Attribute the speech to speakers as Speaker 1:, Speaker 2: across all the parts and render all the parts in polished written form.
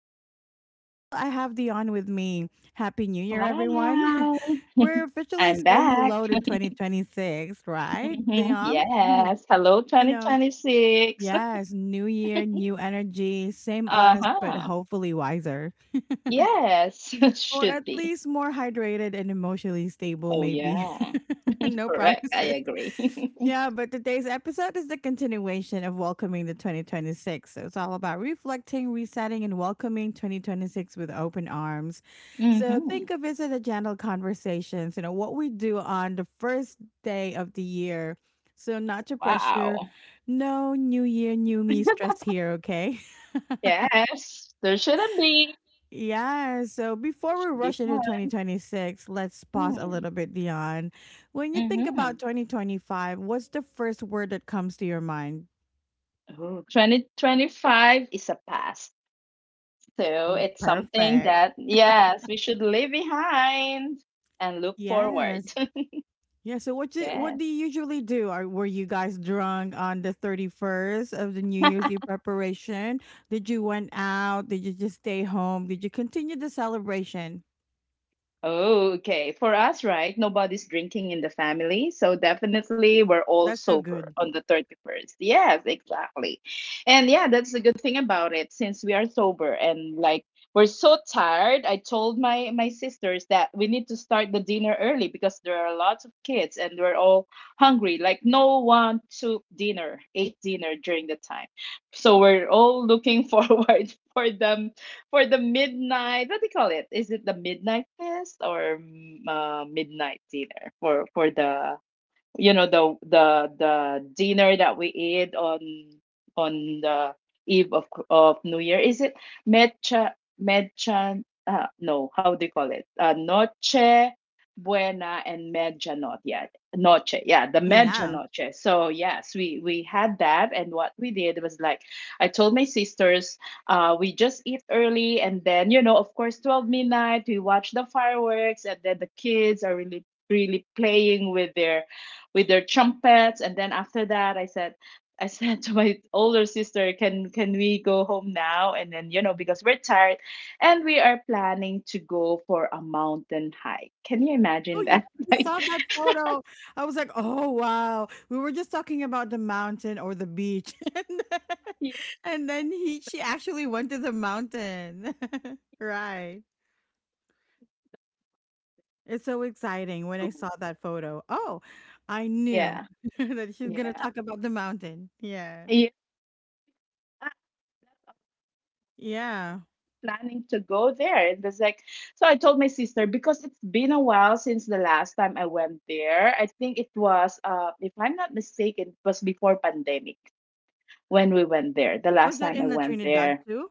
Speaker 1: and as still, I have Dion with me. Happy New Year, everyone.
Speaker 2: Hi,
Speaker 1: We're officially
Speaker 2: I'm
Speaker 1: saying
Speaker 2: back.
Speaker 1: hello to 2026, right, Dion?
Speaker 2: Yes. Hello,
Speaker 1: you know,
Speaker 2: 2026.
Speaker 1: yes, new year, new energy, same us, but
Speaker 2: Uh-huh.
Speaker 1: hopefully wiser.
Speaker 2: Yes,
Speaker 1: Or
Speaker 2: should
Speaker 1: at
Speaker 2: be.
Speaker 1: least more hydrated and emotionally stable,
Speaker 2: Oh,
Speaker 1: maybe.
Speaker 2: yeah.
Speaker 1: No
Speaker 2: Correct. I
Speaker 1: promises.
Speaker 2: agree.
Speaker 1: Yeah, but today's episode is the continuation of welcoming the 2026. So it's all about reflecting, resetting, and welcoming 2026 with open arms. So
Speaker 2: Mm-hmm.
Speaker 1: think of it as a gentle conversations, you know, what we do on the first day of the year. So not to pressure,
Speaker 2: Wow.
Speaker 1: no new year, new me stress here, okay?
Speaker 2: Yes, there shouldn't be.
Speaker 1: Yeah, so before
Speaker 2: It
Speaker 1: we
Speaker 2: should be
Speaker 1: rush into
Speaker 2: fun.
Speaker 1: 2026, let's pause a
Speaker 2: Mm.
Speaker 1: little bit Dion. When you think
Speaker 2: Mm-hmm.
Speaker 1: about 2025, what's the first word that comes to your mind?
Speaker 2: Oh, 2025 is a past. So it's something
Speaker 1: Perfect.
Speaker 2: that, yes, we should leave behind and look forward.
Speaker 1: Yes. Yeah. So what
Speaker 2: Yes.
Speaker 1: do you usually do? Are Were you guys drunk on the 31st of the New Year's Eve preparation? Did you went out? Did you just stay home? Did you continue the celebration?
Speaker 2: Okay, for us, right? Nobody's drinking in the family, so definitely we're all
Speaker 1: That's so
Speaker 2: sober
Speaker 1: good.
Speaker 2: on the 31st. Yes, exactly. And yeah, that's the good thing about it since we are sober and like we're so tired. I told my sisters that we need to start the dinner early because there are lots of kids and we're all hungry. Like no one took dinner, ate dinner during the time. So we're all looking forward for them for the midnight. What do you call it? Is it the midnight fest or midnight dinner for the you know the dinner that we ate on the eve of New Year. Is it mecha mecha? No, how do you call it? Noche buena and medianoche. Yeah, noche. Yeah, the
Speaker 1: Yeah.
Speaker 2: medianoche. So yes, we had that, and what we did was like, I told my sisters, we just eat early, and then you know, of course, 12 midnight, we watch the fireworks, and then the kids are really playing with their trumpets. And then after that I said to my older sister, can we go home now? And then you know because we're tired, and we are planning to go for a mountain hike. Can you
Speaker 1: Oh
Speaker 2: imagine
Speaker 1: yeah,
Speaker 2: that?
Speaker 1: I
Speaker 2: Like
Speaker 1: saw that photo. I was like, oh wow. We were just talking about the mountain or the beach, then,
Speaker 2: yeah
Speaker 1: and then he she actually went to the mountain, right? It's so exciting when I saw that photo. Oh, I knew
Speaker 2: yeah
Speaker 1: that she's gonna
Speaker 2: yeah
Speaker 1: talk about the mountain. Yeah.
Speaker 2: yeah,
Speaker 1: Yeah.
Speaker 2: planning to go there. It was like, so I told my sister because it's been a while since the last time I went there. I think it was if I'm not mistaken, it was before pandemic when we went there, the
Speaker 1: Was
Speaker 2: last
Speaker 1: that
Speaker 2: time
Speaker 1: in
Speaker 2: I
Speaker 1: the
Speaker 2: went
Speaker 1: Trinidad
Speaker 2: there.
Speaker 1: too?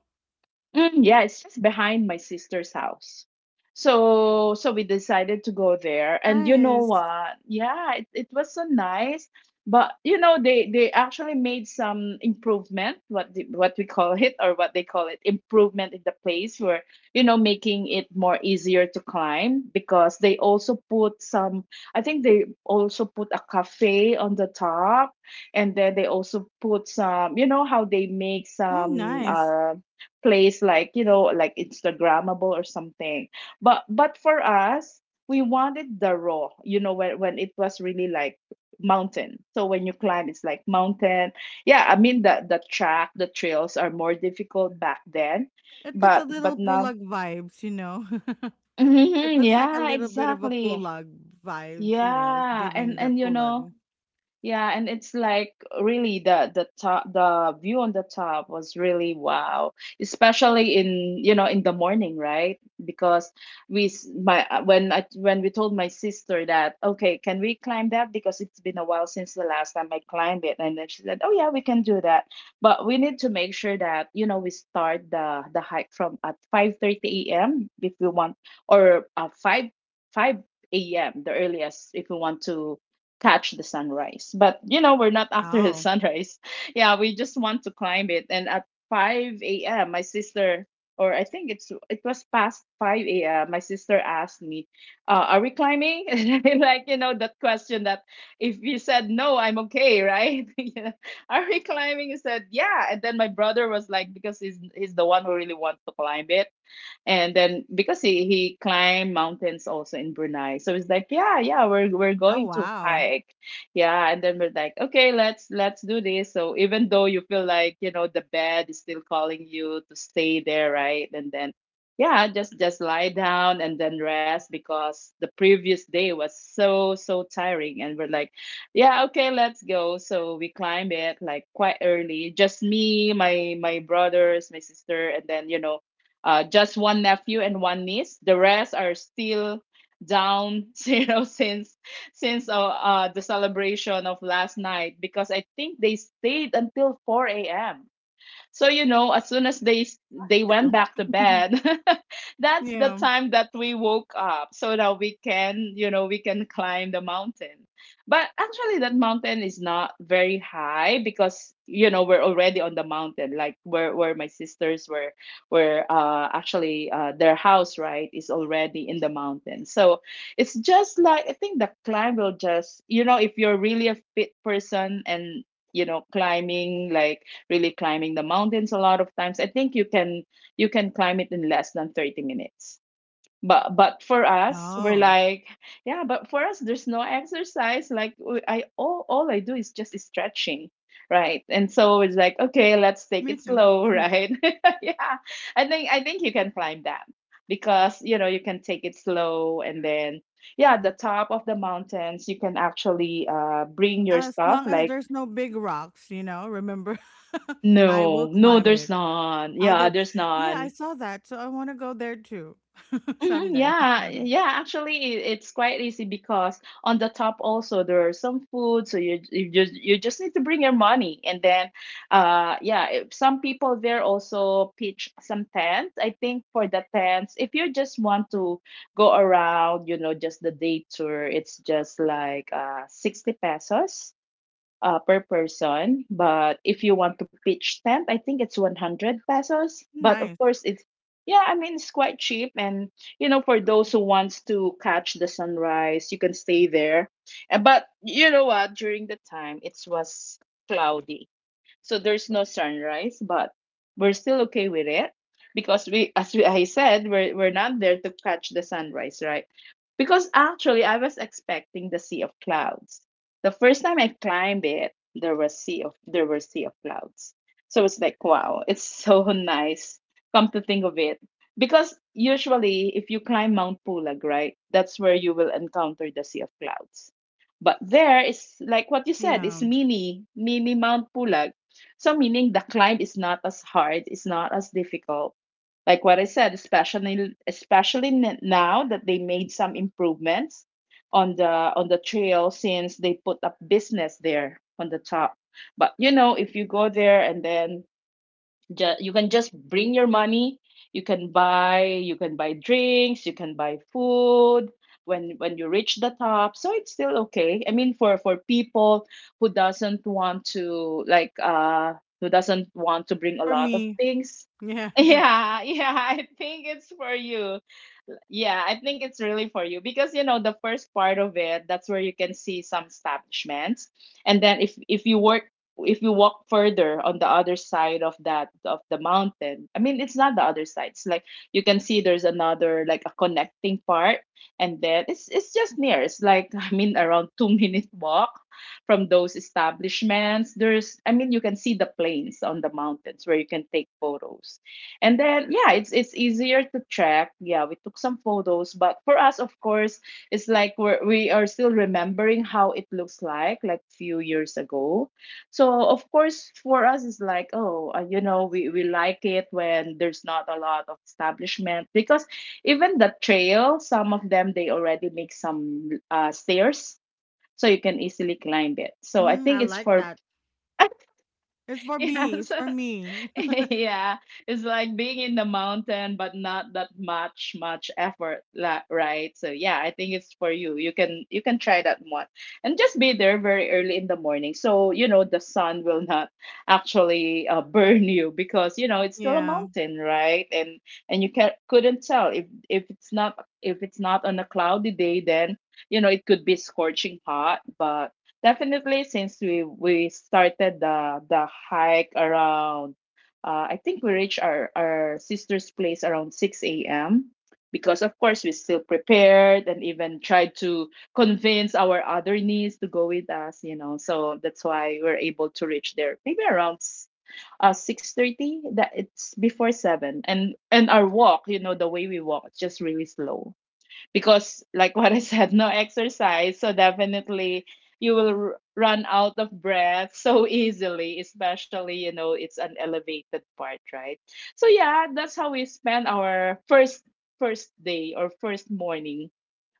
Speaker 2: Mm, yeah, it's just behind my sister's house. So we decided to go there, and you know
Speaker 1: Nice.
Speaker 2: what? Yeah, it was so nice. But you know, they actually made some improvement, what what we call it, or what they call it, improvement in the place where you know, making it more easier to climb because they also put some, I think they also put a cafe on the top. And then they also put some, you know, how they make
Speaker 1: Oh,
Speaker 2: some
Speaker 1: nice.
Speaker 2: place like, you know, like instagrammable or something. But for us, we wanted the raw, you know, when it was really like mountain. So when you climb, it's like mountain, yeah. I mean the track the trails are more difficult back then,
Speaker 1: It looks a
Speaker 2: but
Speaker 1: little
Speaker 2: but now
Speaker 1: pulag vibes, you know. It
Speaker 2: mhm,
Speaker 1: looks like a
Speaker 2: yeah,
Speaker 1: little bit of a
Speaker 2: exactly.
Speaker 1: pulag vibes, you know. It's
Speaker 2: Yeah,
Speaker 1: giving
Speaker 2: and
Speaker 1: the
Speaker 2: and you know,
Speaker 1: pulag.
Speaker 2: yeah, and it's like really the top the view on the top was really wow, especially in, you know, in the morning, right? Because my when I, when we told my sister that okay, can we climb that? Because it's been a while since the last time I climbed it, and then she said, oh yeah, we can do that, but we need to make sure that you know, we start the hike from at 5:30 a.m. if we want, or five a.m. the earliest if we want to catch the sunrise. But you know, we're not after the
Speaker 1: Oh.
Speaker 2: sunrise. Yeah, we just want to climb it. And at 5 a.m., my sister, or I think it was past 5 a.m., my sister asked me, "Are we climbing?" And like you know that question that if you said no, I'm okay, right? Yeah. Are we climbing? He said, "Yeah." And then my brother was like, because he's the one who really wants to climb it. And then because he climbed mountains also in Brunei, so it's like yeah yeah, we're
Speaker 1: Oh
Speaker 2: going to
Speaker 1: wow.
Speaker 2: hike, yeah. And then we're like okay, let's do this. So even though you feel like you know the bed is still calling you to stay there, right? And then yeah, just lie down and then rest because the previous day was so tiring, and we're like yeah okay, let's go. So we climb it like quite early, just me, my brothers, my sister, and then you know, just one nephew and one niece. The rest are still down you know, since the celebration of last night because I think they stayed until 4 a.m. So you know, as soon as they went
Speaker 1: Too.
Speaker 2: back to bed, that's the
Speaker 1: Yeah.
Speaker 2: time that we woke up so that we can, you know, we can climb the mountain. But actually that mountain is not very high because you know, we're already on the mountain, like where my sisters were, actually their house, right, is already in the mountain. So it's just like I think the climb will just, you know, if you're really a fit person and you know, climbing like really climbing the mountains a lot of times, I think you can, you can climb it in less than 30 minutes. But for us, we're
Speaker 1: Oh.
Speaker 2: like yeah, but for us there's no exercise. Like I all I do is just stretching, right? And so it's like okay, let's take
Speaker 1: Me
Speaker 2: it
Speaker 1: too.
Speaker 2: slow, right? Yeah, I think you can climb that because you know you can take it slow, and then yeah, the top of the mountains you can actually bring your
Speaker 1: As
Speaker 2: stuff
Speaker 1: long as
Speaker 2: like.
Speaker 1: there's no big rocks, you know, remember, I will
Speaker 2: No, no,
Speaker 1: climb
Speaker 2: there's
Speaker 1: it.
Speaker 2: none.
Speaker 1: Out
Speaker 2: Yeah,
Speaker 1: there.
Speaker 2: there's
Speaker 1: Yeah, I
Speaker 2: none.
Speaker 1: saw that. So I want to go there too
Speaker 2: Mhm,
Speaker 1: someday.
Speaker 2: yeah, yeah. Actually, it's quite easy because on the top also there are some food, so you just need to bring your money, and then, yeah. If some people there also pitch some tents. I think for the tents, if you just want to go around, you know, just the day tour, it's just like 60 pesos per person. But if you want to pitch tent, I think it's 100 pesos. But of
Speaker 1: Nice.
Speaker 2: course, it's yeah, I mean it's quite cheap. And you know, for those who wants to catch the sunrise, you can stay there. And but you know what? During the time, it was cloudy, so there's no sunrise, but we're still okay with it because we, I said, we're not there to catch the sunrise, right? Because actually I was expecting the sea of clouds. The first time I climbed it, there was sea of there were sea of clouds. So it's like wow, it's so nice. Come to think of it, because usually if you climb Mount Pulag, right, that's where you will encounter the sea of clouds. But there is like what you said, it's
Speaker 1: Yeah.
Speaker 2: mini Mount Pulag. So meaning the climb is not as hard, it's not as difficult. Like what I said, now that they made some improvements on the trail since they put up business there on the top. But you know, if you go there, and then you can just bring your money, you can buy, you can buy drinks, you can buy food when you reach the top. So it's still okay, I mean for people who doesn't want to like who doesn't want to bring a
Speaker 1: For
Speaker 2: lot of
Speaker 1: me.
Speaker 2: things.
Speaker 1: Yeah.
Speaker 2: Yeah, I think it's for you. Yeah, I think it's really for you because you know the first part of it, that's where you can see some establishments. And then if you work if you walk further on the other side of that, of the mountain, I mean it's not the other side, it's like you can see there's another like a connecting part. And then it's just near, it's like, I mean around 2-minute walk from those establishments, there's, I mean, you can see the plains on the mountains where you can take photos. And then yeah, it's easier to track. Yeah, we took some photos, but for us of course, it's like we are still remembering how it looks like few years ago. So of course, for us, it's like, oh, you know, we like it when there's not a lot of establishment because even the trail, some of them they already make some stairs, so you can easily climb it. So I
Speaker 1: Mm, I
Speaker 2: think it's
Speaker 1: like
Speaker 2: for
Speaker 1: that. It's for me. It's
Speaker 2: yes,
Speaker 1: for me.
Speaker 2: yeah, it's like being in the mountain, but not that much effort, right? So yeah, I think it's for you. You can try that one, and just be there very early in the morning, so you know the sun will not actually burn you because you know it's still a
Speaker 1: Yeah.
Speaker 2: mountain, right? And you can couldn't tell if it's not on a cloudy day, then it could be scorching hot, but definitely since we started the hike around I think we reached our sister's place around 6 a.m. because, of course, we still prepared and even tried to convince our other niece to go with us. So that's why we are able to reach there maybe around 6:30, that it's before 7. And our walk, the way we walk, it's just really slow because, like what I said, no exercise. So definitely you will run out of breath so easily, especially, it's an elevated part, right? So yeah, that's how we spend our first day or first morning,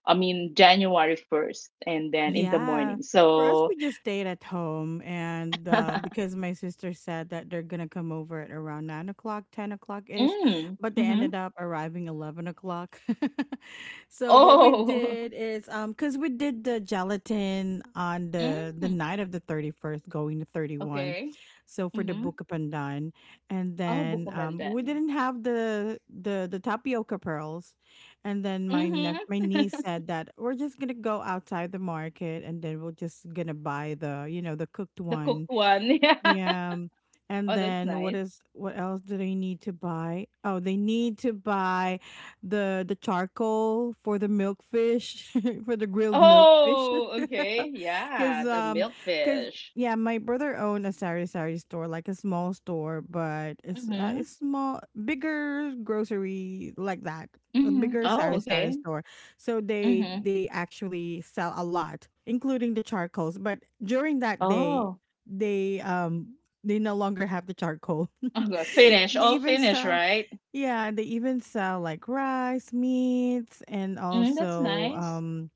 Speaker 2: I mean January 1st, and then in the
Speaker 1: Yeah.
Speaker 2: morning
Speaker 1: For us,
Speaker 2: so.
Speaker 1: we just stayed at home. And because my sister said that they're going to come over at around 9 o'clock, 10 o'clock ish,
Speaker 2: Mm,
Speaker 1: but they
Speaker 2: mm-hmm.
Speaker 1: ended up arriving 11 o'clock. So what we
Speaker 2: Oh.
Speaker 1: did is, because we did the gelatin on the, the
Speaker 2: Mm.
Speaker 1: night of the 31st, going to 31.
Speaker 2: Okay.
Speaker 1: So for the
Speaker 2: Mm-hmm.
Speaker 1: book up and done. And
Speaker 2: Oh,
Speaker 1: then
Speaker 2: buko mandan.
Speaker 1: we didn't have the tapioca pearls. And then my
Speaker 2: Mm-hmm.
Speaker 1: niece said that we're just gonna go outside the market and then we're just gonna buy, the you know, the cooked
Speaker 2: The cooked
Speaker 1: one.
Speaker 2: one.
Speaker 1: Yeah. And
Speaker 2: Oh, that's
Speaker 1: then what
Speaker 2: nice.
Speaker 1: is what else do they need to buy? Oh, they need to buy the charcoal for the milkfish, for the grilled milkfish.
Speaker 2: Oh, okay. Yeah,
Speaker 1: Cuz
Speaker 2: the
Speaker 1: cuz
Speaker 2: milkfish.
Speaker 1: Yeah, my brother owned a sari sari store, like a small store, but
Speaker 2: Mm-hmm.
Speaker 1: it's small, bigger grocery like that. A
Speaker 2: Mm-hmm.
Speaker 1: bigger sari
Speaker 2: Oh,
Speaker 1: sari
Speaker 2: okay.
Speaker 1: store. So
Speaker 2: Mm-hmm.
Speaker 1: they actually sell a lot, including the charcoals, but during that day
Speaker 2: Oh.
Speaker 1: they um they no longer have the charcoal.
Speaker 2: Oh, good. Finnish.
Speaker 1: They
Speaker 2: All
Speaker 1: even
Speaker 2: Finnish,
Speaker 1: sell,
Speaker 2: right?
Speaker 1: yeah, they even sell like rice, meats and
Speaker 2: Mm, that's
Speaker 1: also
Speaker 2: nice.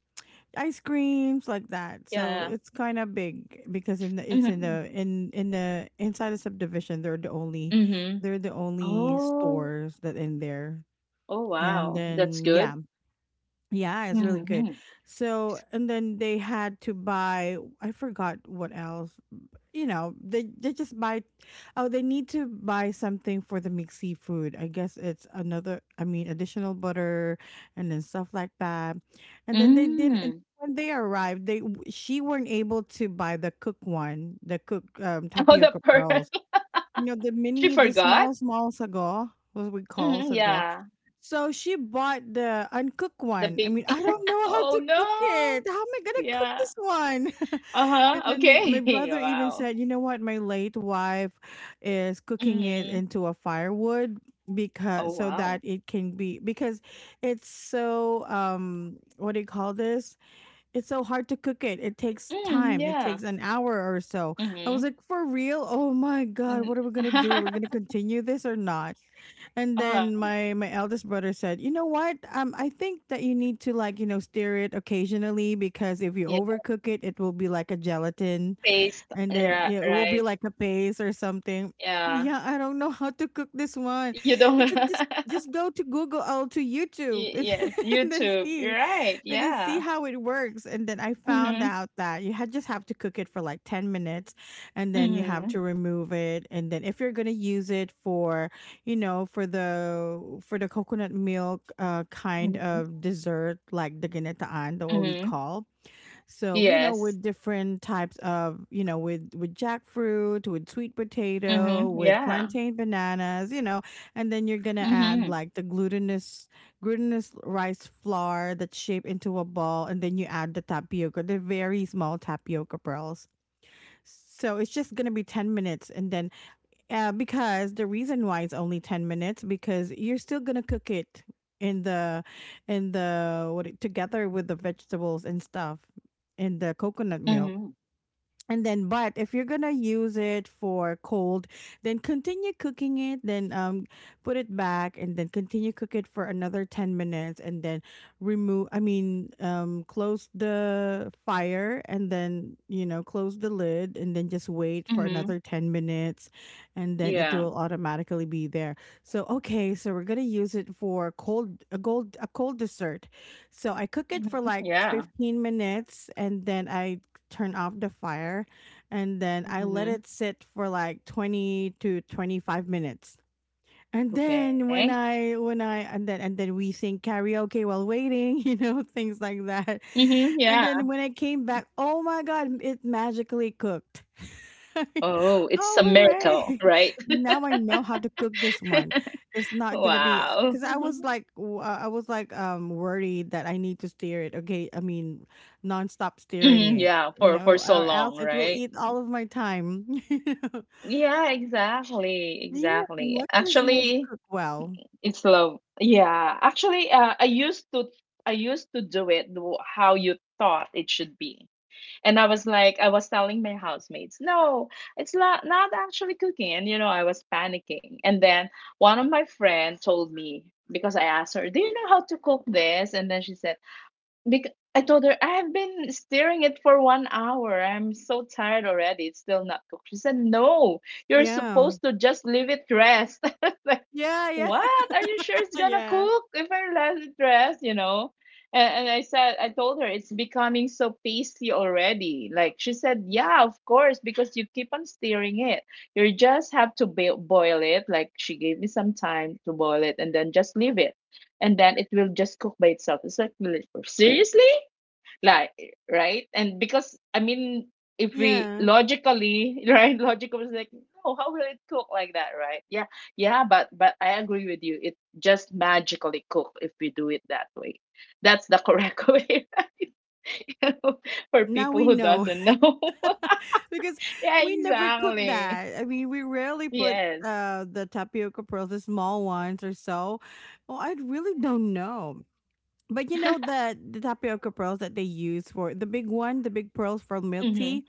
Speaker 1: ice creams like that. So
Speaker 2: Yeah.
Speaker 1: it's kind of big because it's
Speaker 2: Mm-hmm.
Speaker 1: in the inside the subdivision, they're the only,
Speaker 2: Mm-hmm.
Speaker 1: they're the only
Speaker 2: Oh,
Speaker 1: stores that in there.
Speaker 2: oh,
Speaker 1: And
Speaker 2: wow. That's
Speaker 1: then
Speaker 2: good.
Speaker 1: yeah, yeah, it's really good.
Speaker 2: Mm-hmm.
Speaker 1: So and then they had to buy, I forgot what else, you know, they just buy. Oh, they need to buy something for the mixed seafood. I guess it's another. I mean, additional butter and then stuff like that. And then they didn't. And
Speaker 2: Mm.
Speaker 1: when they arrived, they she weren't able to buy the cook one, the cook
Speaker 2: Oh, the
Speaker 1: tapioca
Speaker 2: pearl.
Speaker 1: pearls. You know, the
Speaker 2: She
Speaker 1: mini, the
Speaker 2: forgot?
Speaker 1: small, small sago, what we call
Speaker 2: Mm,
Speaker 1: sago.
Speaker 2: yeah.
Speaker 1: So she bought the uncooked
Speaker 2: The
Speaker 1: one. I
Speaker 2: big.
Speaker 1: mean, I don't know how
Speaker 2: Oh,
Speaker 1: to cook it.
Speaker 2: no.
Speaker 1: How am I gonna cook
Speaker 2: Yeah.
Speaker 1: this one? And
Speaker 2: Uh-huh.
Speaker 1: then my
Speaker 2: Okay.
Speaker 1: brother even
Speaker 2: Wow.
Speaker 1: said, "You know what? My late wife is cooking it
Speaker 2: Mm-hmm.
Speaker 1: into a firewood
Speaker 2: Oh,
Speaker 1: because so that
Speaker 2: wow.
Speaker 1: it can be because it's so what do you call this? It's so hard to cook it. It takes
Speaker 2: Mm,
Speaker 1: time. It
Speaker 2: yeah.
Speaker 1: takes an hour or so. I was
Speaker 2: Mhm.
Speaker 1: like, for real? Oh my god,
Speaker 2: Mm.
Speaker 1: what are we gonna do? Are we gonna continue this or not? And then
Speaker 2: Uh-huh.
Speaker 1: my eldest brother said, "You know what? I think that you need to, like, you know, stir it occasionally because if you
Speaker 2: Yeah.
Speaker 1: overcook it, it will be like a gelatin,
Speaker 2: Paste.
Speaker 1: and then
Speaker 2: Yeah,
Speaker 1: yeah, it will be
Speaker 2: right.
Speaker 1: like a paste or something."
Speaker 2: Yeah.
Speaker 1: Yeah, I don't know how to cook this one.
Speaker 2: You don't.
Speaker 1: And just just just go to Google or to YouTube
Speaker 2: Y- Yes,
Speaker 1: and then
Speaker 2: YouTube. You're
Speaker 1: see
Speaker 2: right.
Speaker 1: and then see
Speaker 2: Yeah.
Speaker 1: how it works. And then I found
Speaker 2: Mhm.
Speaker 1: out that you had just have to cook it for like 10 minutes and then you have to
Speaker 2: Mhm.
Speaker 1: remove it. And then if you're going to use it for, you know, for the coconut milk kind
Speaker 2: Mhm.
Speaker 1: of dessert like the ginataan, the what we
Speaker 2: Mhm.
Speaker 1: call, so, you know,
Speaker 2: Yes.
Speaker 1: with different types of, you know, with jackfruit, with sweet potato,
Speaker 2: Mhm.
Speaker 1: with
Speaker 2: Yeah.
Speaker 1: plantain bananas, you know, and then you're gonna add
Speaker 2: Mhm.
Speaker 1: like the glutinous rice flour that's shaped into a ball, and then you add the tapioca, the very small tapioca pearls. So it's just gonna be 10 minutes, and then because the reason why it's only 10 minutes because you're still going to cook it in the in the what it, together with the vegetables and stuff in the coconut milk,
Speaker 2: Mhm.
Speaker 1: and then, but if you're gonna use it for cold, then continue cooking it. Then put it back, and then continue cook it for another 10 minutes, and then remove. I mean, close the fire, and then, you know, close the lid, and then just wait for another
Speaker 2: Mhm.
Speaker 1: 10 minutes, and then it will
Speaker 2: Yeah.
Speaker 1: automatically be there. So okay, so we're gonna use it for cold dessert. So I cook it for
Speaker 2: Mhm.
Speaker 1: like
Speaker 2: Yeah.
Speaker 1: 15 minutes and then I turn off the fire and then I let
Speaker 2: Mhm.
Speaker 1: it sit for like 20 to 25 minutes. And then
Speaker 2: Okay.
Speaker 1: when I and then we sing karaoke while waiting, you know, things like that.
Speaker 2: Mhm. Yeah.
Speaker 1: And then when I came back, oh my god, it magically cooked.
Speaker 2: Oh, it's a
Speaker 1: Oh,
Speaker 2: miracle,
Speaker 1: hooray!
Speaker 2: right?
Speaker 1: Now I know how to cook this one. It's not gonna be
Speaker 2: Wow.
Speaker 1: because I was like worried that I need to steer it. Okay, I mean nonstop steering
Speaker 2: Mhm.
Speaker 1: it,
Speaker 2: Yeah,
Speaker 1: you
Speaker 2: for
Speaker 1: know,
Speaker 2: so
Speaker 1: or
Speaker 2: long,
Speaker 1: else it will
Speaker 2: right?
Speaker 1: eat all of my time.
Speaker 2: Yeah, exactly,
Speaker 1: You know? Yeah, and
Speaker 2: exactly.
Speaker 1: luckily it was
Speaker 2: Actually,
Speaker 1: cooked well.
Speaker 2: it's love. Yeah, actually, I used to do it how you thought it should be, and I was like, I was telling my housemates, no, it's not actually cooking, and, I was panicking. And then one of my friends told me because I asked her, do you know how to cook this? And then she said, because I told her, "I have been stirring it for 1 hour. I'm so tired already. It's still not cooked." She said, "No, you're
Speaker 1: Yeah.
Speaker 2: supposed to just leave it rest."
Speaker 1: Yeah, yeah,
Speaker 2: What? Are you sure it's gonna
Speaker 1: yeah,
Speaker 2: cook if I let it rest, you know? And I said I told her it's becoming so pasty already. Like she said, yeah, of course, because you keep on stirring it. You just have to boil it. Like she gave me some time to boil it and then just leave it, and then it will just cook by itself. It's like, "Really? Seriously, like, right?" And because, I mean, if we
Speaker 1: yeah.
Speaker 2: logically, right, logical is like, no, how will it cook like that, right? Yeah. Yeah, but I agree with you, it just magically cook if we do it that way. That's the correct way, right? You know, for
Speaker 1: Now
Speaker 2: people
Speaker 1: we
Speaker 2: who
Speaker 1: know
Speaker 2: doesn't know.
Speaker 1: because
Speaker 2: Yeah,
Speaker 1: we never cook
Speaker 2: exactly.
Speaker 1: that. I mean, we rarely put
Speaker 2: Yes.
Speaker 1: the tapioca pearls, the small ones or so. Well, I really don't know. But you know the tapioca pearls that they use for the big one, the big pearls for milk
Speaker 2: Mm-hmm.
Speaker 1: tea,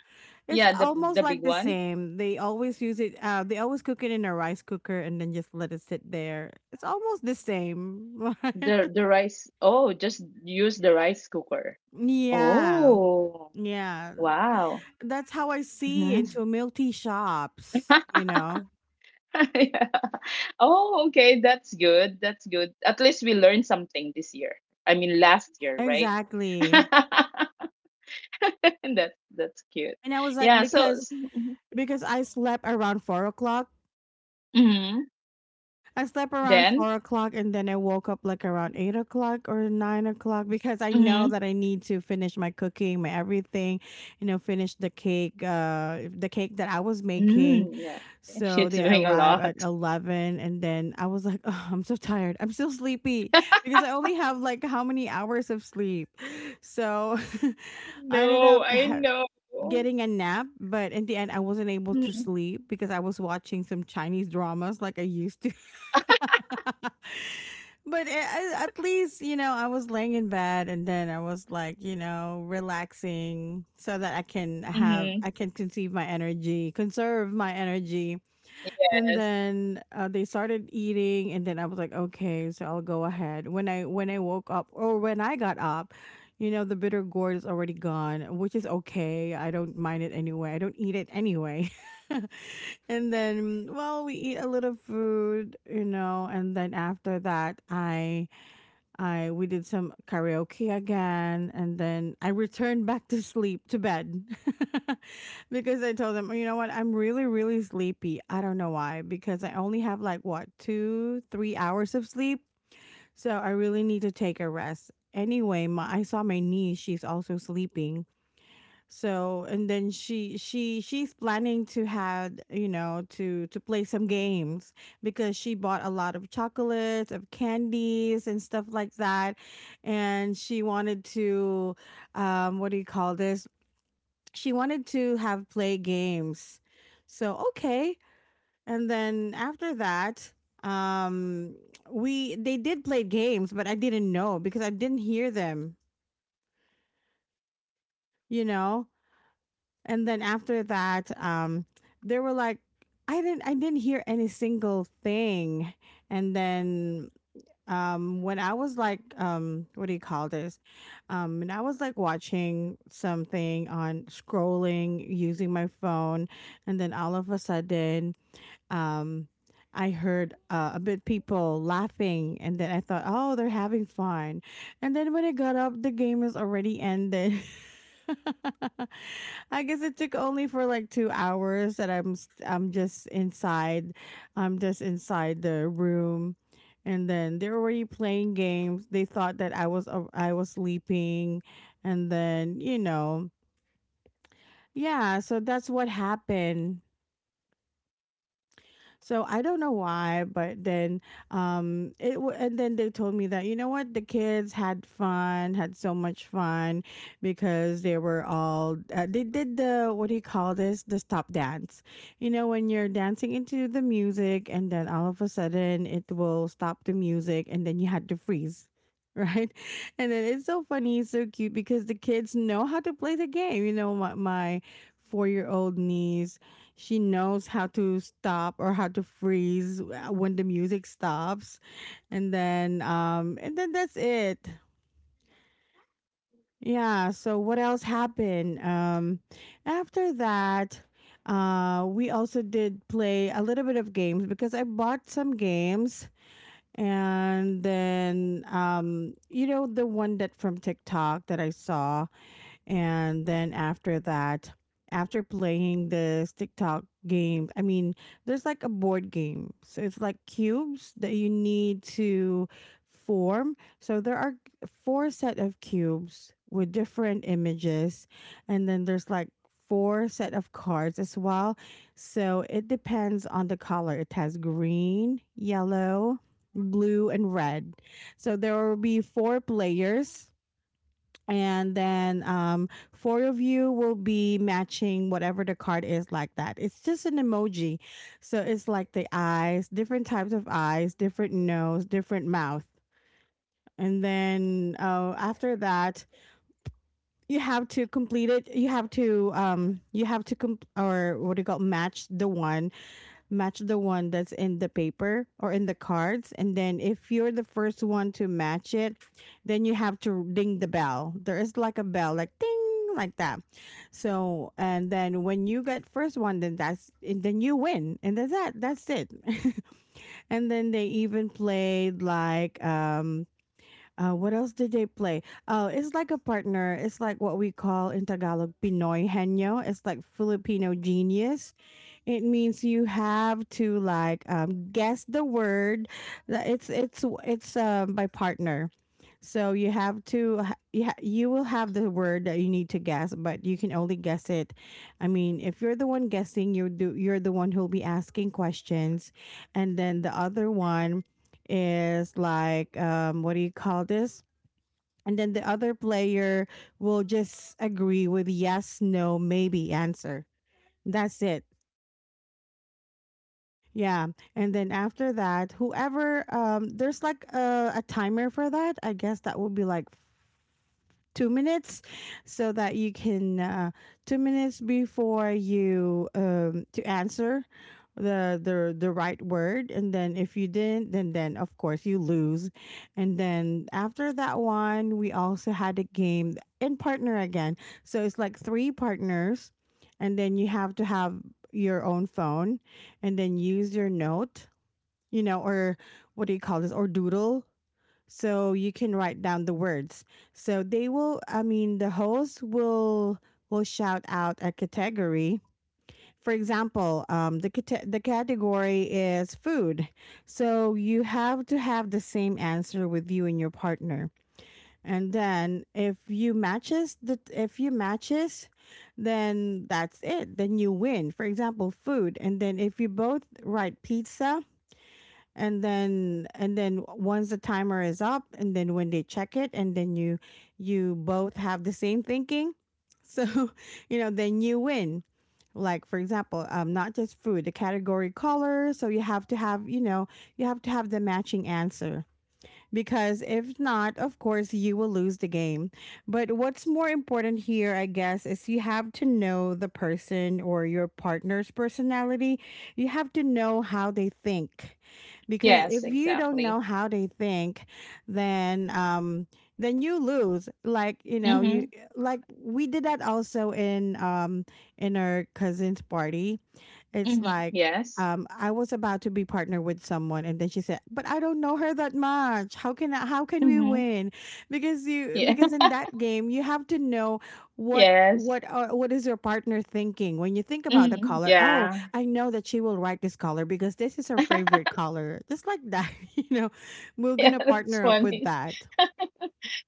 Speaker 1: it's
Speaker 2: Yeah, the
Speaker 1: almost
Speaker 2: the
Speaker 1: like
Speaker 2: big
Speaker 1: the
Speaker 2: one.
Speaker 1: same. They always use it. They always cook it in a rice cooker and then just let it sit there. It's almost the same.
Speaker 2: The rice, oh, just use the rice cooker.
Speaker 1: Yeah.
Speaker 2: Oh,
Speaker 1: Yeah,
Speaker 2: wow.
Speaker 1: that's how I see
Speaker 2: Mm-hmm.
Speaker 1: into milk tea shops, you know?
Speaker 2: Yeah. Oh, okay. That's good. That's good. At least we learned something this year. I mean, last year, right?
Speaker 1: Exactly.
Speaker 2: That's cute.
Speaker 1: And I was like,
Speaker 2: Yeah. So,
Speaker 1: because
Speaker 2: so mm-hmm.
Speaker 1: because I slept around 4 o'clock.
Speaker 2: Mm-hmm.
Speaker 1: I slept around
Speaker 2: Then,
Speaker 1: 4 o'clock and then I woke up like around 8 o'clock or 9 o'clock because I know
Speaker 2: mm-hmm.
Speaker 1: that I need to finish my cooking, my everything, you know, finish the cake that I was making.
Speaker 2: Mm, yeah. You're
Speaker 1: So they
Speaker 2: doing a
Speaker 1: arrive
Speaker 2: lot.
Speaker 1: at 11 and then I was like, oh, I'm so tired. I'm so sleepy because I only have like how many hours of sleep. So I ended
Speaker 2: No,
Speaker 1: up
Speaker 2: I know.
Speaker 1: getting a nap, but in the end I wasn't able to
Speaker 2: Mm-hmm.
Speaker 1: sleep because I was watching some Chinese dramas like I used to. But at least, you know, I was laying in bed and then I was like, you know, relaxing so that
Speaker 2: Mm-hmm.
Speaker 1: I can conceive my energy, conserve my energy, and
Speaker 2: Yes.
Speaker 1: then they started eating and then I was like okay so I'll go ahead. When I when I woke up or when I got up, you know, the bitter gourd is already gone, which is okay, I don't mind it anyway, I don't eat it anyway. And then, well, we eat a little food, you know, and then after that I we did some karaoke again, and then I returned back to bed. Because I told them, "Oh, you know what, I'm really really sleepy. I don't know why because I only have like what 2 3 hours of sleep, so I really need to take a rest. Anyway, my I saw my niece; she's also sleeping, so and then she's planning to have to play some games because she bought a lot of chocolates, of candies and stuff like that, and she wanted to, what do you call this? She wanted to have play games. So okay, and then after that, um, we they did play games, but I didn't know because I didn't hear them. You know, and then after that, they were like, I didn't hear any single thing. And then, when I was like, what do you call this, and I was like watching something on scrolling using my phone. And then all of a sudden, um, I heard, a bit people laughing, and then I thought, oh, they're having fun. And then when I got up, the game is already ended. I guess it took only for like 2 hours that I'm just inside the room, and then they're already playing games. They thought that I was sleeping, and then yeah. So that's what happened. So I don't know why, but then, and then they told me that, you know what, the kids had fun, had so much fun because they were all they did the, what do you call this, the stop dance. You know, when you're dancing into the music and then all of a sudden it will stop the music and then you had to freeze. Right. And then it's so funny, it's so cute because the kids know how to play the game. You know, my 4-year-old old niece, she knows how to stop or how to freeze, when the music stops. And then that's it, yeah. So what else happened? After that, we also did play a little bit of games because I bought some games, and then the one that from TikTok that I saw. And then after playing this TikTok game, I mean, there's like a board game. So it's like cubes that you need to form. So there are four set of cubes with different images, and then there's like four set of cards as well. So it depends on the color. It has green, yellow, blue and red. So there will be four players, and then, four of you will be matching whatever the card is like that. It's just an emoji, so it's like the eyes, different types of eyes, different nose, different mouth. And then, after that you have to complete it. You have to, or what do you call, match the one that's in the paper or in the cards. And then if you're the first one to match it, then you have to ding the bell. There is like a bell, like ding, like that. So and then when you get first one, then that's and then you win, and that's that. That's it. And then they even played like. What else did they play? Oh, it's like a partner. It's like what we call in Tagalog Pinoy Henyo. It's like Filipino genius. It means you have to, like, guess the word. It's by partner, so you will have the word that you need to guess, but you can only guess it. I mean, if you're the one guessing, you're the one who'll be asking questions, and then the other one is like, what do you call this? And then the other player will just agree with yes, no, maybe answer. That's it. Yeah. And then after that, whoever there's like a timer for that. I guess that will be like 2 minutes, so that you can, 2 minutes before you, to answer the right word. And then if you didn't, then of course you lose. And then after that one, we also had a game in partner again. So it's like three partners, and then you have to have your own phone and then use your note, or what do you call this, or doodle. So you can write down the words. So they will, I mean, the host will shout out a category. For example, the category is food. So you have to have the same answer with you and your partner. And then if you matches, then that's it. Then you win. For example, food. And then if you both write pizza, and then, once the timer is up, and then when they check it, and then you both have the same thinking, so you know, then you win. Like, for example, not just food, the category color. So you have to have, you have to have the matching answer because if not, of course, you will lose the game. But what's more important here, I guess, is you have to know the person or your partner's personality. You have to know how they think because if
Speaker 2: Yes,
Speaker 1: you don't know
Speaker 2: exactly.
Speaker 1: how they think, then, then you lose, like, you...
Speaker 2: Mm-hmm.
Speaker 1: Like, we did that also in, in our cousin's party. It's
Speaker 2: Mm-hmm.
Speaker 1: like,
Speaker 2: Yes.
Speaker 1: I was about to be partnered with someone, and then she said, "But I don't know her that much. How can we
Speaker 2: Mm-hmm.
Speaker 1: win? Because you
Speaker 2: Yeah.
Speaker 1: because in that game you have to know what."
Speaker 2: Yes.
Speaker 1: What is your partner thinking when you think about the
Speaker 2: Mm-hmm.
Speaker 1: color? Oh,
Speaker 2: Yeah.
Speaker 1: I know that she will write this color because this is her favorite color. Just like that, you know, we're
Speaker 2: Yeah,
Speaker 1: gonna
Speaker 2: that's
Speaker 1: partner up with
Speaker 2: funny.
Speaker 1: that.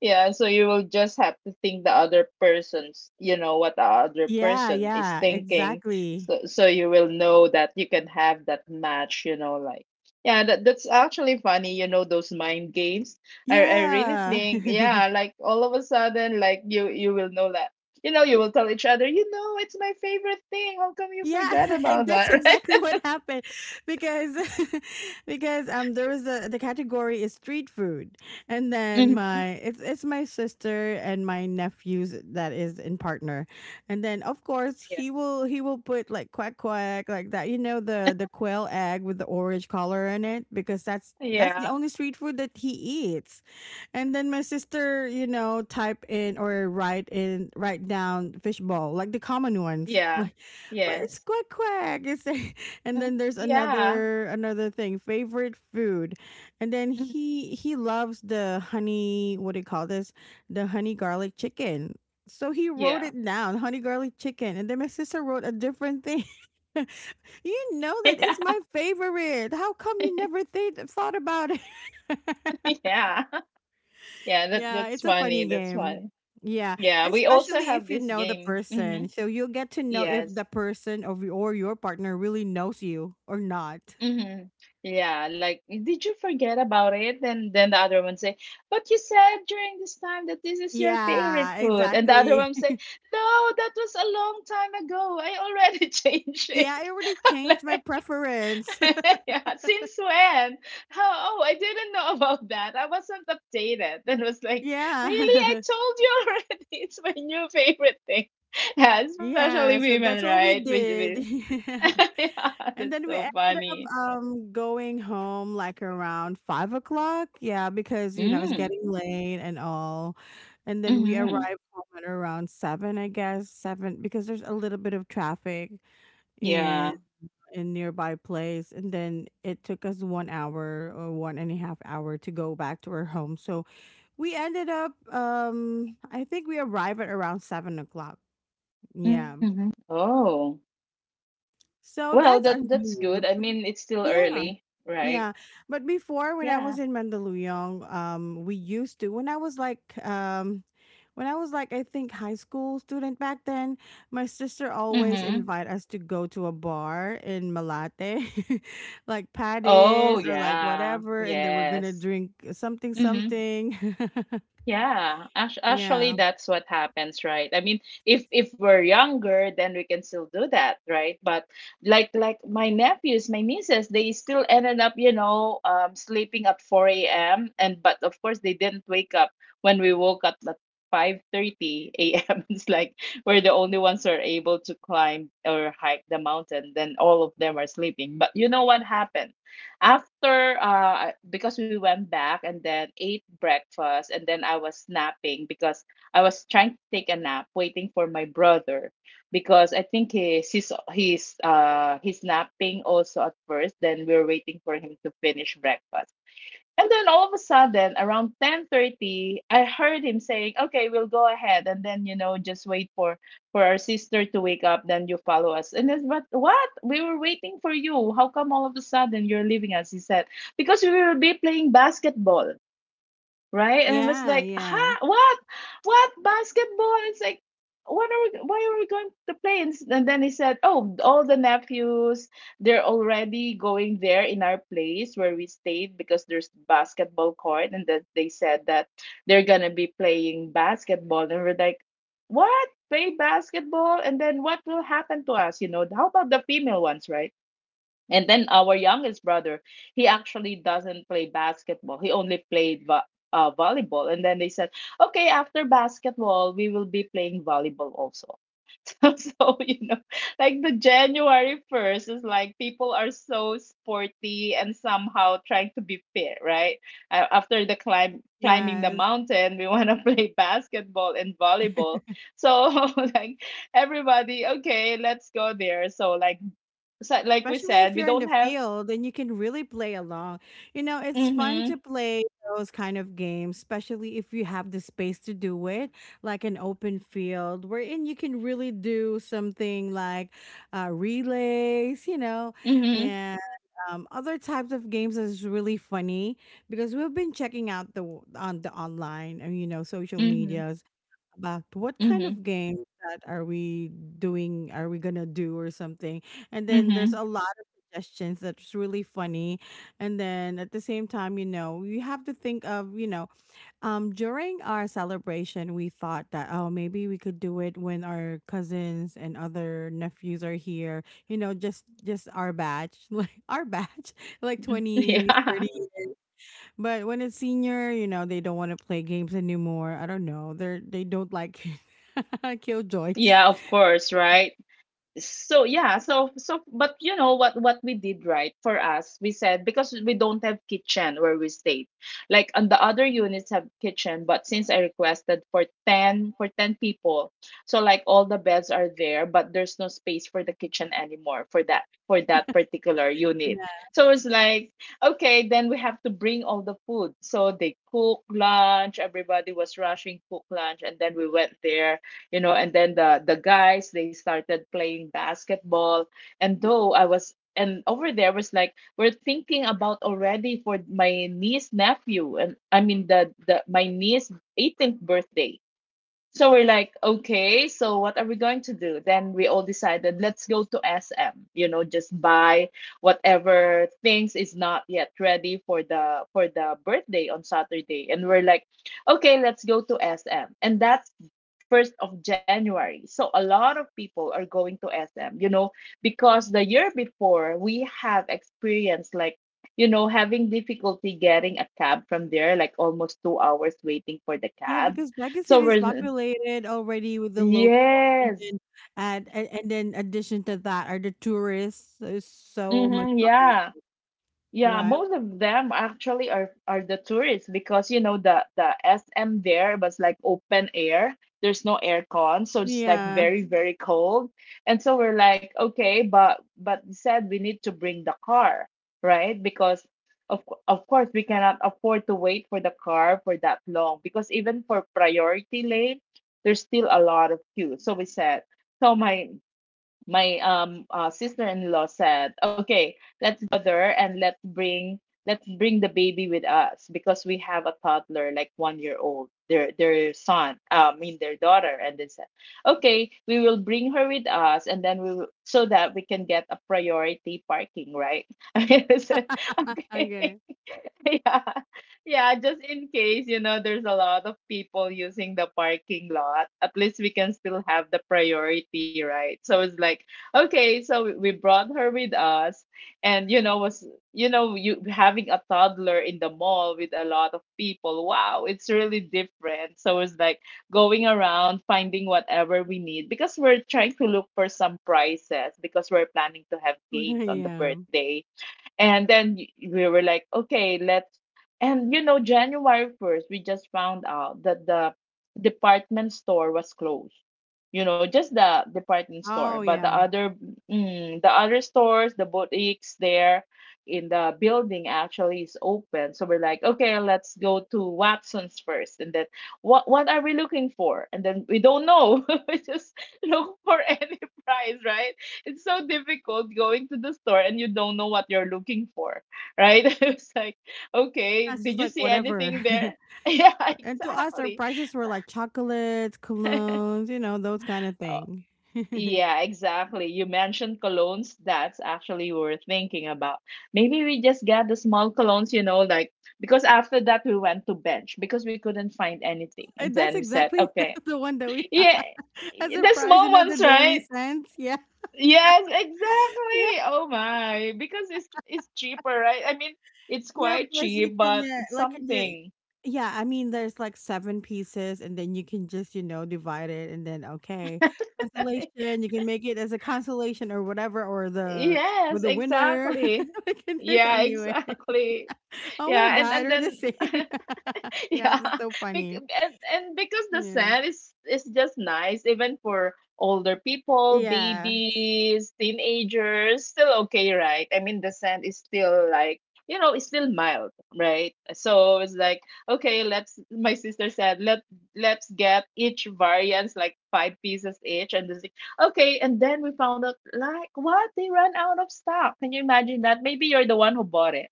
Speaker 2: Yeah, so you will just have to think the other person's, you know, what the other
Speaker 1: Yeah,
Speaker 2: person is
Speaker 1: yeah,
Speaker 2: thinking.
Speaker 1: exactly.
Speaker 2: So you will know that you can have that match, you know, like, yeah, that's actually funny, you know, those mind games. I really
Speaker 1: Yeah.
Speaker 2: think, yeah, like all of a sudden, like you will know that. You know, you will tell each other, you know, it's my favorite thing. How come you
Speaker 1: Yeah,
Speaker 2: forgot about
Speaker 1: that's
Speaker 2: that,
Speaker 1: exactly
Speaker 2: right?
Speaker 1: what happened because because, there was a the category is street food. And then,
Speaker 2: Hmm.
Speaker 1: my it's my sister and my nephews that is in partner. And then of course
Speaker 2: Yeah.
Speaker 1: he will put like quack quack, like that, the quail egg with the orange color in it, because that's
Speaker 2: Yeah.
Speaker 1: the only street food that he eats. And then my sister, type in or write in write down fishball, like the common ones.
Speaker 2: Yeah.
Speaker 1: But it's
Speaker 2: Yes.
Speaker 1: quack quack. It's a- and then there's
Speaker 2: Yeah.
Speaker 1: another thing, favorite food, and then
Speaker 2: Mhm.
Speaker 1: he loves the honey. What do you call this? The honey garlic chicken. So he wrote
Speaker 2: Yeah.
Speaker 1: it down, honey garlic chicken, and then my sister wrote a different thing. You know that it's
Speaker 2: Yeah.
Speaker 1: my favorite. How come you never thought about it?
Speaker 2: Yeah. Yeah, that
Speaker 1: Yeah,
Speaker 2: that's
Speaker 1: it's a
Speaker 2: funny.
Speaker 1: funny
Speaker 2: That's
Speaker 1: game.
Speaker 2: funny.
Speaker 1: Yeah,
Speaker 2: Yeah, we also
Speaker 1: especially
Speaker 2: have
Speaker 1: if you
Speaker 2: this
Speaker 1: know the
Speaker 2: game. Mm-hmm.
Speaker 1: person. So you'll get to know if
Speaker 2: Yes.
Speaker 1: the person of or your partner really knows you or not.
Speaker 2: Mm-hmm. Yeah, like did you forget about it? Then the other one say, but you said during this time that this is your favorite
Speaker 1: Yeah,
Speaker 2: food, and the other
Speaker 1: exactly.
Speaker 2: one say, no, that was a long time ago. I already changed it.
Speaker 1: Yeah, I already changed my preference.
Speaker 2: Yeah, since when? How, oh, I didn't know about that. I wasn't updated and was like, really? I
Speaker 1: Yeah.
Speaker 2: told you already. It's my new favorite thing. Yeah, especially
Speaker 1: Yeah, so
Speaker 2: women,
Speaker 1: that's what we
Speaker 2: right? We,
Speaker 1: did.
Speaker 2: we,
Speaker 1: Yeah.
Speaker 2: yeah,
Speaker 1: And
Speaker 2: that's
Speaker 1: then we
Speaker 2: so
Speaker 1: ended up,
Speaker 2: funny.
Speaker 1: going home like around 5 o'clock. Yeah, because you know it's
Speaker 2: Mm,
Speaker 1: getting late and all. And then we
Speaker 2: mm-hmm.
Speaker 1: arrived home at around seven, I guess seven, because there's a little bit of traffic in
Speaker 2: Yeah.
Speaker 1: nearby place. And then it took us 1 hour or 1.5 hour to go back to our home. So we ended up, I think we arrived at around 7 o'clock. Yeah.
Speaker 2: Mm-hmm. Oh,
Speaker 1: So
Speaker 2: well,
Speaker 1: that's our
Speaker 2: that
Speaker 1: new
Speaker 2: that's
Speaker 1: year.
Speaker 2: good. I
Speaker 1: But
Speaker 2: mean, it's still
Speaker 1: yeah.
Speaker 2: early, right?
Speaker 1: Yeah, but before when I was
Speaker 2: Yeah.
Speaker 1: in Mandaluyong, we used to um, when I was like, I think, high school student back then. My sister always
Speaker 2: Mm-hmm.
Speaker 1: invite us to go to a bar in Malate, like
Speaker 2: Oh,
Speaker 1: Paddy's or like
Speaker 2: yeah.
Speaker 1: whatever, and then we're gonna
Speaker 2: Yes.
Speaker 1: drink something
Speaker 2: Mm-hmm.
Speaker 1: something.
Speaker 2: Yeah,
Speaker 1: Yeah,
Speaker 2: actually, that's what happens, right? I mean, if we're younger, then we can still do that, right? But like my nephews, my nieces, they still ended up, sleeping at four a.m., and but of course they didn't wake up when we woke up at 5:30 a.m. It's like we're the only ones who are able to climb or hike the mountain. Then all of them are sleeping. But you know what happened? After, because we went back and then ate breakfast, and then I was napping because I was trying to take a nap, waiting for my brother, because I think he's napping also at first. Then we are waiting for him to finish breakfast. And then all of a sudden, around 10:30, I heard him saying, "Okay, we'll go ahead, and then, you know, just wait for our sister to wake up, then you follow us." And then, but what? We were waiting for you. How come all of a sudden you're leaving us? He said, "Because we will be playing basketball," right? And I was
Speaker 1: yeah,
Speaker 2: like,
Speaker 1: yeah,
Speaker 2: huh, what basketball? It's like, what are we? Why are we going to play? And and then he said, oh, all the nephews, they're already going there in our place where we stayed because there's basketball court, and that they said that they're gonna be playing basketball, and we're like, what? Play basketball, and then what will happen to us? You know, how about the female ones, right? And then our youngest brother, he actually doesn't play basketball. He only played volleyball. And then they said, okay, after basketball, we will be playing volleyball also. So you know, like the January 1st is like people are so sporty and somehow trying to be fit, right? After the climbing the
Speaker 1: yes.
Speaker 2: mountain, we want to play basketball and volleyball. So like everybody, okay, let's go there. So, like we
Speaker 1: Especially
Speaker 2: said,
Speaker 1: if
Speaker 2: we
Speaker 1: you're in
Speaker 2: don't
Speaker 1: the
Speaker 2: have.
Speaker 1: field, then you can really play along. You know, it's fun
Speaker 2: Mhm.
Speaker 1: to play those kind of games, especially if you have the space to do it, like an open field wherein you can really do something like, relays,
Speaker 2: Mhm.
Speaker 1: and, other types of games is really funny because we've been checking out the on the online, and, social
Speaker 2: Mhm.
Speaker 1: medias, back to what kind
Speaker 2: Mhm.
Speaker 1: of game that are we gonna do or something. And then there's
Speaker 2: Mhm.
Speaker 1: a lot of suggestions that's really funny. And then at the same time, you have to think of, during our celebration we thought that, oh, maybe we could do it when our cousins and other nephews are here, just our batch, like our batch, like
Speaker 2: Mhm.
Speaker 1: twenty
Speaker 2: Yeah.
Speaker 1: thirty. But when it's senior, they don't want to play games anymore. I don't know. They don't like... Killjoys.
Speaker 2: Yeah, of course, right? So yeah, so but you know what we did, right? For us, we said because we don't have kitchen where we stayed, like on the other units have kitchen, but since I requested for 10 for 10 people, so like all the beds are there but there's no space for the kitchen anymore for that particular unit.
Speaker 1: Yeah.
Speaker 2: So it's like, okay, then we have to bring all the food so they cook lunch. Everybody was rushing cook lunch, and then we went there. You know, and then the guys, they started playing basketball, and though I was and over there was like we're thinking about already for my niece, nephew, and I mean the my niece 18th birthday. So we're like, okay, so what are we going to do? Then we all decided, let's go to SM, just buy whatever things is not yet ready for the birthday on Saturday. And we're like, okay, let's go to SM. And that's first of January. So a lot of people are going to SM, because the year before we have experienced like, having difficulty getting a cab from there, like almost 2 hours waiting for the
Speaker 1: Yeah,
Speaker 2: cab.
Speaker 1: because Baguio
Speaker 2: So
Speaker 1: City is
Speaker 2: we're,
Speaker 1: populated already with the locals, and
Speaker 2: yes.
Speaker 1: then, and then addition to that are the tourists. So it's so much
Speaker 2: Hmm. Yeah.
Speaker 1: populated.
Speaker 2: Yeah.
Speaker 1: Right?
Speaker 2: Most of them actually are the tourists because the SM there was like open air. There's no aircon, so it's like
Speaker 1: Yeah.
Speaker 2: very, very cold. And so we're like, okay, but they said we need to bring the car, right? Because of course we cannot afford to wait for the car for that long because even for priority lane, there's still a lot of queue. So we said, so my sister-in-law said, "Okay, let's bother and let's bring the baby with us because we have a toddler like 1 year old, their son, I mean their daughter." And they said, "Okay, we will bring her with us, and then we will so that we can get a priority parking, right?" I said, "Okay."
Speaker 1: Okay.
Speaker 2: Yeah. Yeah, just in case, there's a lot of people using the parking lot. At least we can still have the priority, right? So it's like, okay, so we brought her with us and you having a toddler in the mall with a lot of people. Wow, it's really different. So it's like going around finding whatever we need because we're trying to look for some prizes because we're planning to have games on the
Speaker 1: Yeah.
Speaker 2: birthday. And then we were like, okay, let's. And you know, January 1st, we just found out that the department store was closed. You know, just the department store,
Speaker 1: Oh
Speaker 2: but the
Speaker 1: yeah.
Speaker 2: other the other stores, the boutiques there in the building actually is open. So we're like, okay, let's go to Watson's first, and then what are we looking for? And then we don't know. We just look for any price, right? It's so difficult going to the store and you don't know what you're looking for, right? It was like, okay,
Speaker 1: That's
Speaker 2: did
Speaker 1: just
Speaker 2: you
Speaker 1: like
Speaker 2: see
Speaker 1: whatever.
Speaker 2: anything there? Yeah,
Speaker 1: And to us, our
Speaker 2: exactly.
Speaker 1: prices were like chocolates, colognes, those kind of
Speaker 2: Oh,
Speaker 1: thing.
Speaker 2: yeah, exactly. You mentioned colognes. That's actually we were thinking about. Maybe we just get the small colognes, you know, like because after that we went to bench because we couldn't find anything, and
Speaker 1: And that's
Speaker 2: then we said,
Speaker 1: exactly
Speaker 2: okay,
Speaker 1: the one that we have
Speaker 2: yeah,
Speaker 1: as a
Speaker 2: the
Speaker 1: prize,
Speaker 2: small
Speaker 1: the
Speaker 2: ones,
Speaker 1: daily
Speaker 2: right?
Speaker 1: cents. Yeah.
Speaker 2: Yes,
Speaker 1: Yeah.
Speaker 2: exactly. Oh my, because it's cheaper, right? I mean, it's
Speaker 1: Yeah.
Speaker 2: quite
Speaker 1: Plus, you
Speaker 2: cheap,
Speaker 1: can,
Speaker 2: but it's
Speaker 1: like,
Speaker 2: something.
Speaker 1: yeah, I mean, there's like seven pieces, and then you can just, divide it, and then, okay, consolation, you can make it as a consolation or whatever, or or
Speaker 2: Yes,
Speaker 1: the winner.
Speaker 2: exactly.
Speaker 1: I can do it
Speaker 2: Yeah,
Speaker 1: anyway.
Speaker 2: exactly.
Speaker 1: Oh my
Speaker 2: Yeah, and
Speaker 1: God,
Speaker 2: and
Speaker 1: we're the
Speaker 2: then
Speaker 1: same. Yeah,
Speaker 2: yeah,
Speaker 1: that's so funny.
Speaker 2: and because the
Speaker 1: Yeah.
Speaker 2: scent is just nice, even for older people,
Speaker 1: Yeah.
Speaker 2: babies, teenagers, still okay, right? I mean, the scent is still like it's still mild, right? So it's like okay, let's. My sister said let's get each variants like 5 pieces each, and this okay, and then we found out like what they ran out of stock. Can you imagine that? Maybe you're the one who bought it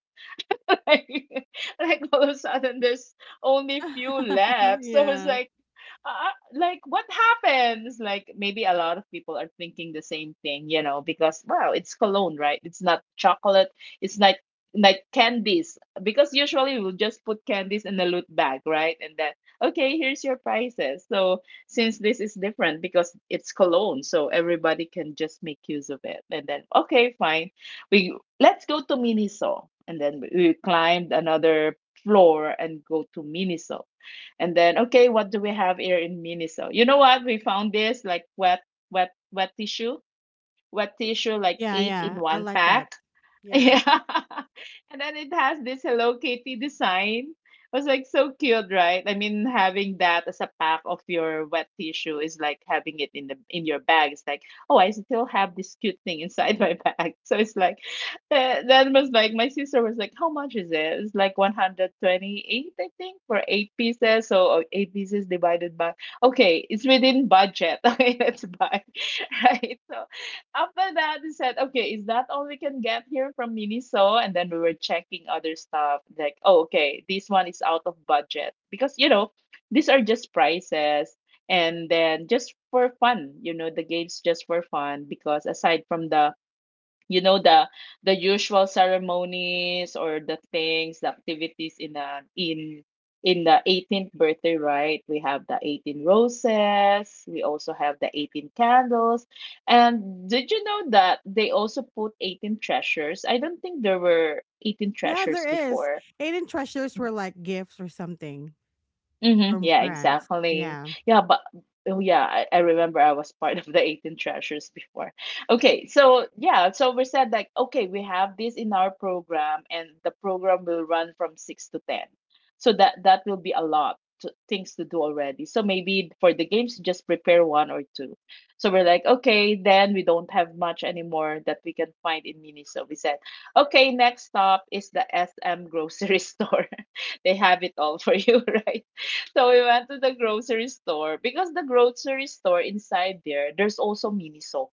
Speaker 2: like, like all of a sudden there's only few left. So it's
Speaker 1: Yeah.
Speaker 2: uh, like what happens, like maybe a lot of people are thinking the same thing, you know, because wow, it's cologne, right? It's not chocolate, it's like candies because usually we'll just put candies in the loot bag, right? And then okay, here's your prices. So since this is different because it's cologne, so everybody can just make use of it. And then okay, fine, we let's go to Miniso. And then we climbed another floor and go to Miniso. And then, okay, what do we have here in Miniso? You know what? We found this like wet tissue, like
Speaker 1: Yeah.
Speaker 2: eight in
Speaker 1: Yeah. I
Speaker 2: one
Speaker 1: like that.
Speaker 2: pack.
Speaker 1: Yeah.
Speaker 2: Yeah. And then it has this Hello Kitty design. It was like so cute, right? I mean, having that as a pack of your wet tissue is like having it in the in your bag. It's like, oh, I still have this cute thing inside my bag. So it's like, that was like my sister was like, how much is it? It's like 128, I think, for 8 pieces. So 8 pieces divided by, okay, it's within budget. Okay, let's buy, right? So after that, he said, okay, is that all we can get here from Miniso? And then we were checking other stuff, like, oh, okay, this one is out of budget. Because, you know, these are just prices. And then just for fun, you know, the games just for fun. Because aside from the you know the the usual ceremonies or the things, the activities in the in the 18th birthday, right? We have the 18 roses, we also have the 18 candles. And did you know that they also put 18 treasures? I don't think there were 18
Speaker 1: Yeah,
Speaker 2: treasures
Speaker 1: there is.
Speaker 2: before.
Speaker 1: Hidden treasures were like gifts or something
Speaker 2: Mm-hmm.
Speaker 1: from
Speaker 2: Yeah,
Speaker 1: friends.
Speaker 2: exactly.
Speaker 1: Yeah.
Speaker 2: Yeah, but oh yeah, I remember I was part of the 18 treasures before. Okay, so yeah, so we said like, okay, we have this in our program, and the program will run from 6 to 10. So that will be a lot to, things to do already. So maybe for the games, just prepare one or two. So we're like, okay, then we don't have much anymore that we can find in Miniso. We said, okay, next stop is the SM grocery store. They have it all for you, right? So we went to the grocery store because the grocery store inside there, there's also Miniso.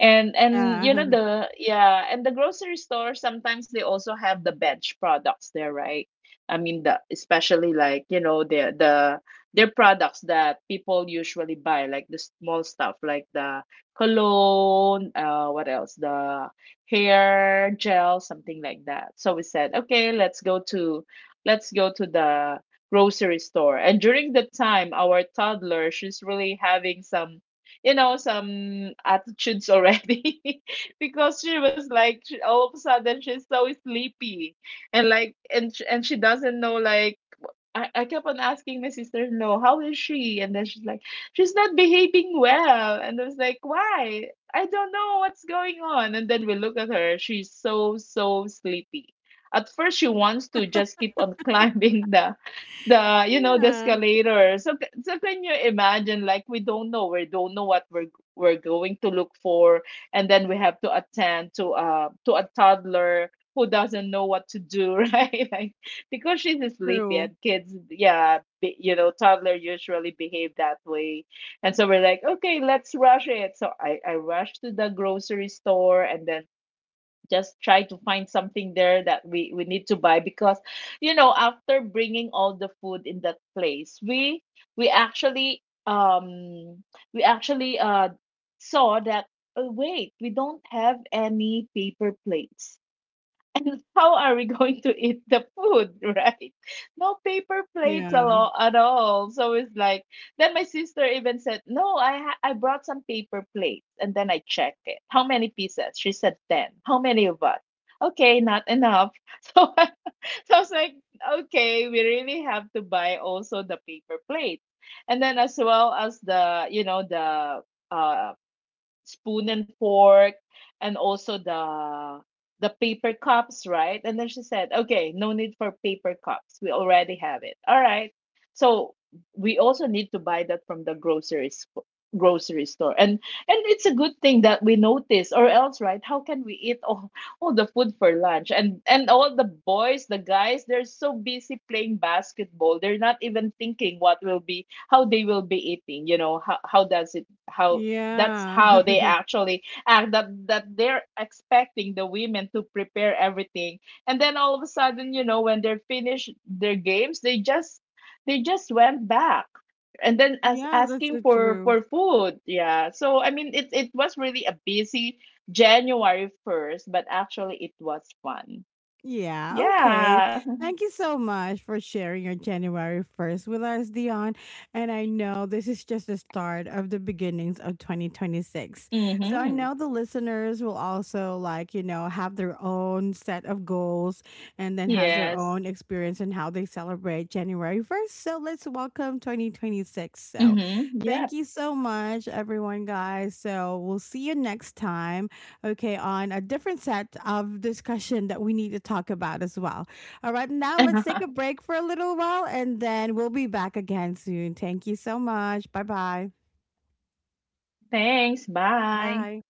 Speaker 2: And you
Speaker 1: Yeah.
Speaker 2: know the yeah, and the grocery store sometimes they also have the bench products there, right? I mean the especially like, you know, the their products that people usually buy, like the small stuff, like the cologne, what else? The hair gel, something like that. So we said, okay, let's go to the grocery store. And during the time, our toddler, she's really having some you know, some attitudes already because she was like all of a sudden she's so sleepy and and she doesn't know like I kept on asking my sister, no, how is she? And then she's like, she's not behaving well. And I was like, why? I don't know what's going on. And then we look at her. She's so, so sleepy. At first, she wants to just keep on climbing the you know, the
Speaker 1: Yeah.
Speaker 2: escalator. So, so can you imagine? Like, we don't know. We don't know what we're going to look for, and then we have to attend to a toddler who doesn't know what to do, right? Like because she's sleepy
Speaker 1: True.
Speaker 2: and kids, yeah, you know toddler usually behave that way. And so we're like okay, let's rush it. So I rushed to the grocery store and then just try to find something there that we need to buy because you know after bringing all the food in that place we actually um we actually saw that oh wait, we don't have any paper plates and how are we going to eat the food, right? No paper plates
Speaker 1: Yeah.
Speaker 2: at all, at all. So it's like, then my sister even said, no, I brought some paper plates. And then I check it. How many pieces? She said 10. How many of us? Okay, not enough. So I, so I was like, okay, we really have to buy also the paper plates. And then as well as the, you know, the, um spoon and fork and also the paper cups, right? And then she said, "Okay, no need for paper cups. We already have it." All right. So we also need to buy that from the grocery store. And it's a good thing that we notice or else, right? How can we eat all the food for lunch? And all the boys, the guys, they're so busy playing basketball. They're not even thinking what will be how they will be eating, you know, how does it how that's
Speaker 1: Yeah.
Speaker 2: how they actually act, that they're expecting the women to prepare everything. And then all of a sudden you know when they're finished their games, they just went back and then as
Speaker 1: Yeah, that's
Speaker 2: asking
Speaker 1: so true.
Speaker 2: for food. Yeah, so I mean, it was really a busy January 1st, but actually it was fun.
Speaker 1: Yeah, okay.
Speaker 2: Yeah.
Speaker 1: Thank you so much for sharing your January 1st with us, Dion. And I know this is just the start of the beginnings of 2026. So I
Speaker 2: Mhm.
Speaker 1: know the listeners will also, like, have their own set of goals, and then has their
Speaker 2: Yes.
Speaker 1: own experience in how they celebrate January 1st. So let's welcome 2026. So
Speaker 2: Mhm. Yep.
Speaker 1: thank you so much, everyone, guys. So we'll see you next time, okay, on a different set of discussion that we need to talk about as well. All right, now let's take a break for a little while, and then we'll be back again soon. Thank you so much. Bye-bye.
Speaker 2: Thanks, bye.
Speaker 1: Bye.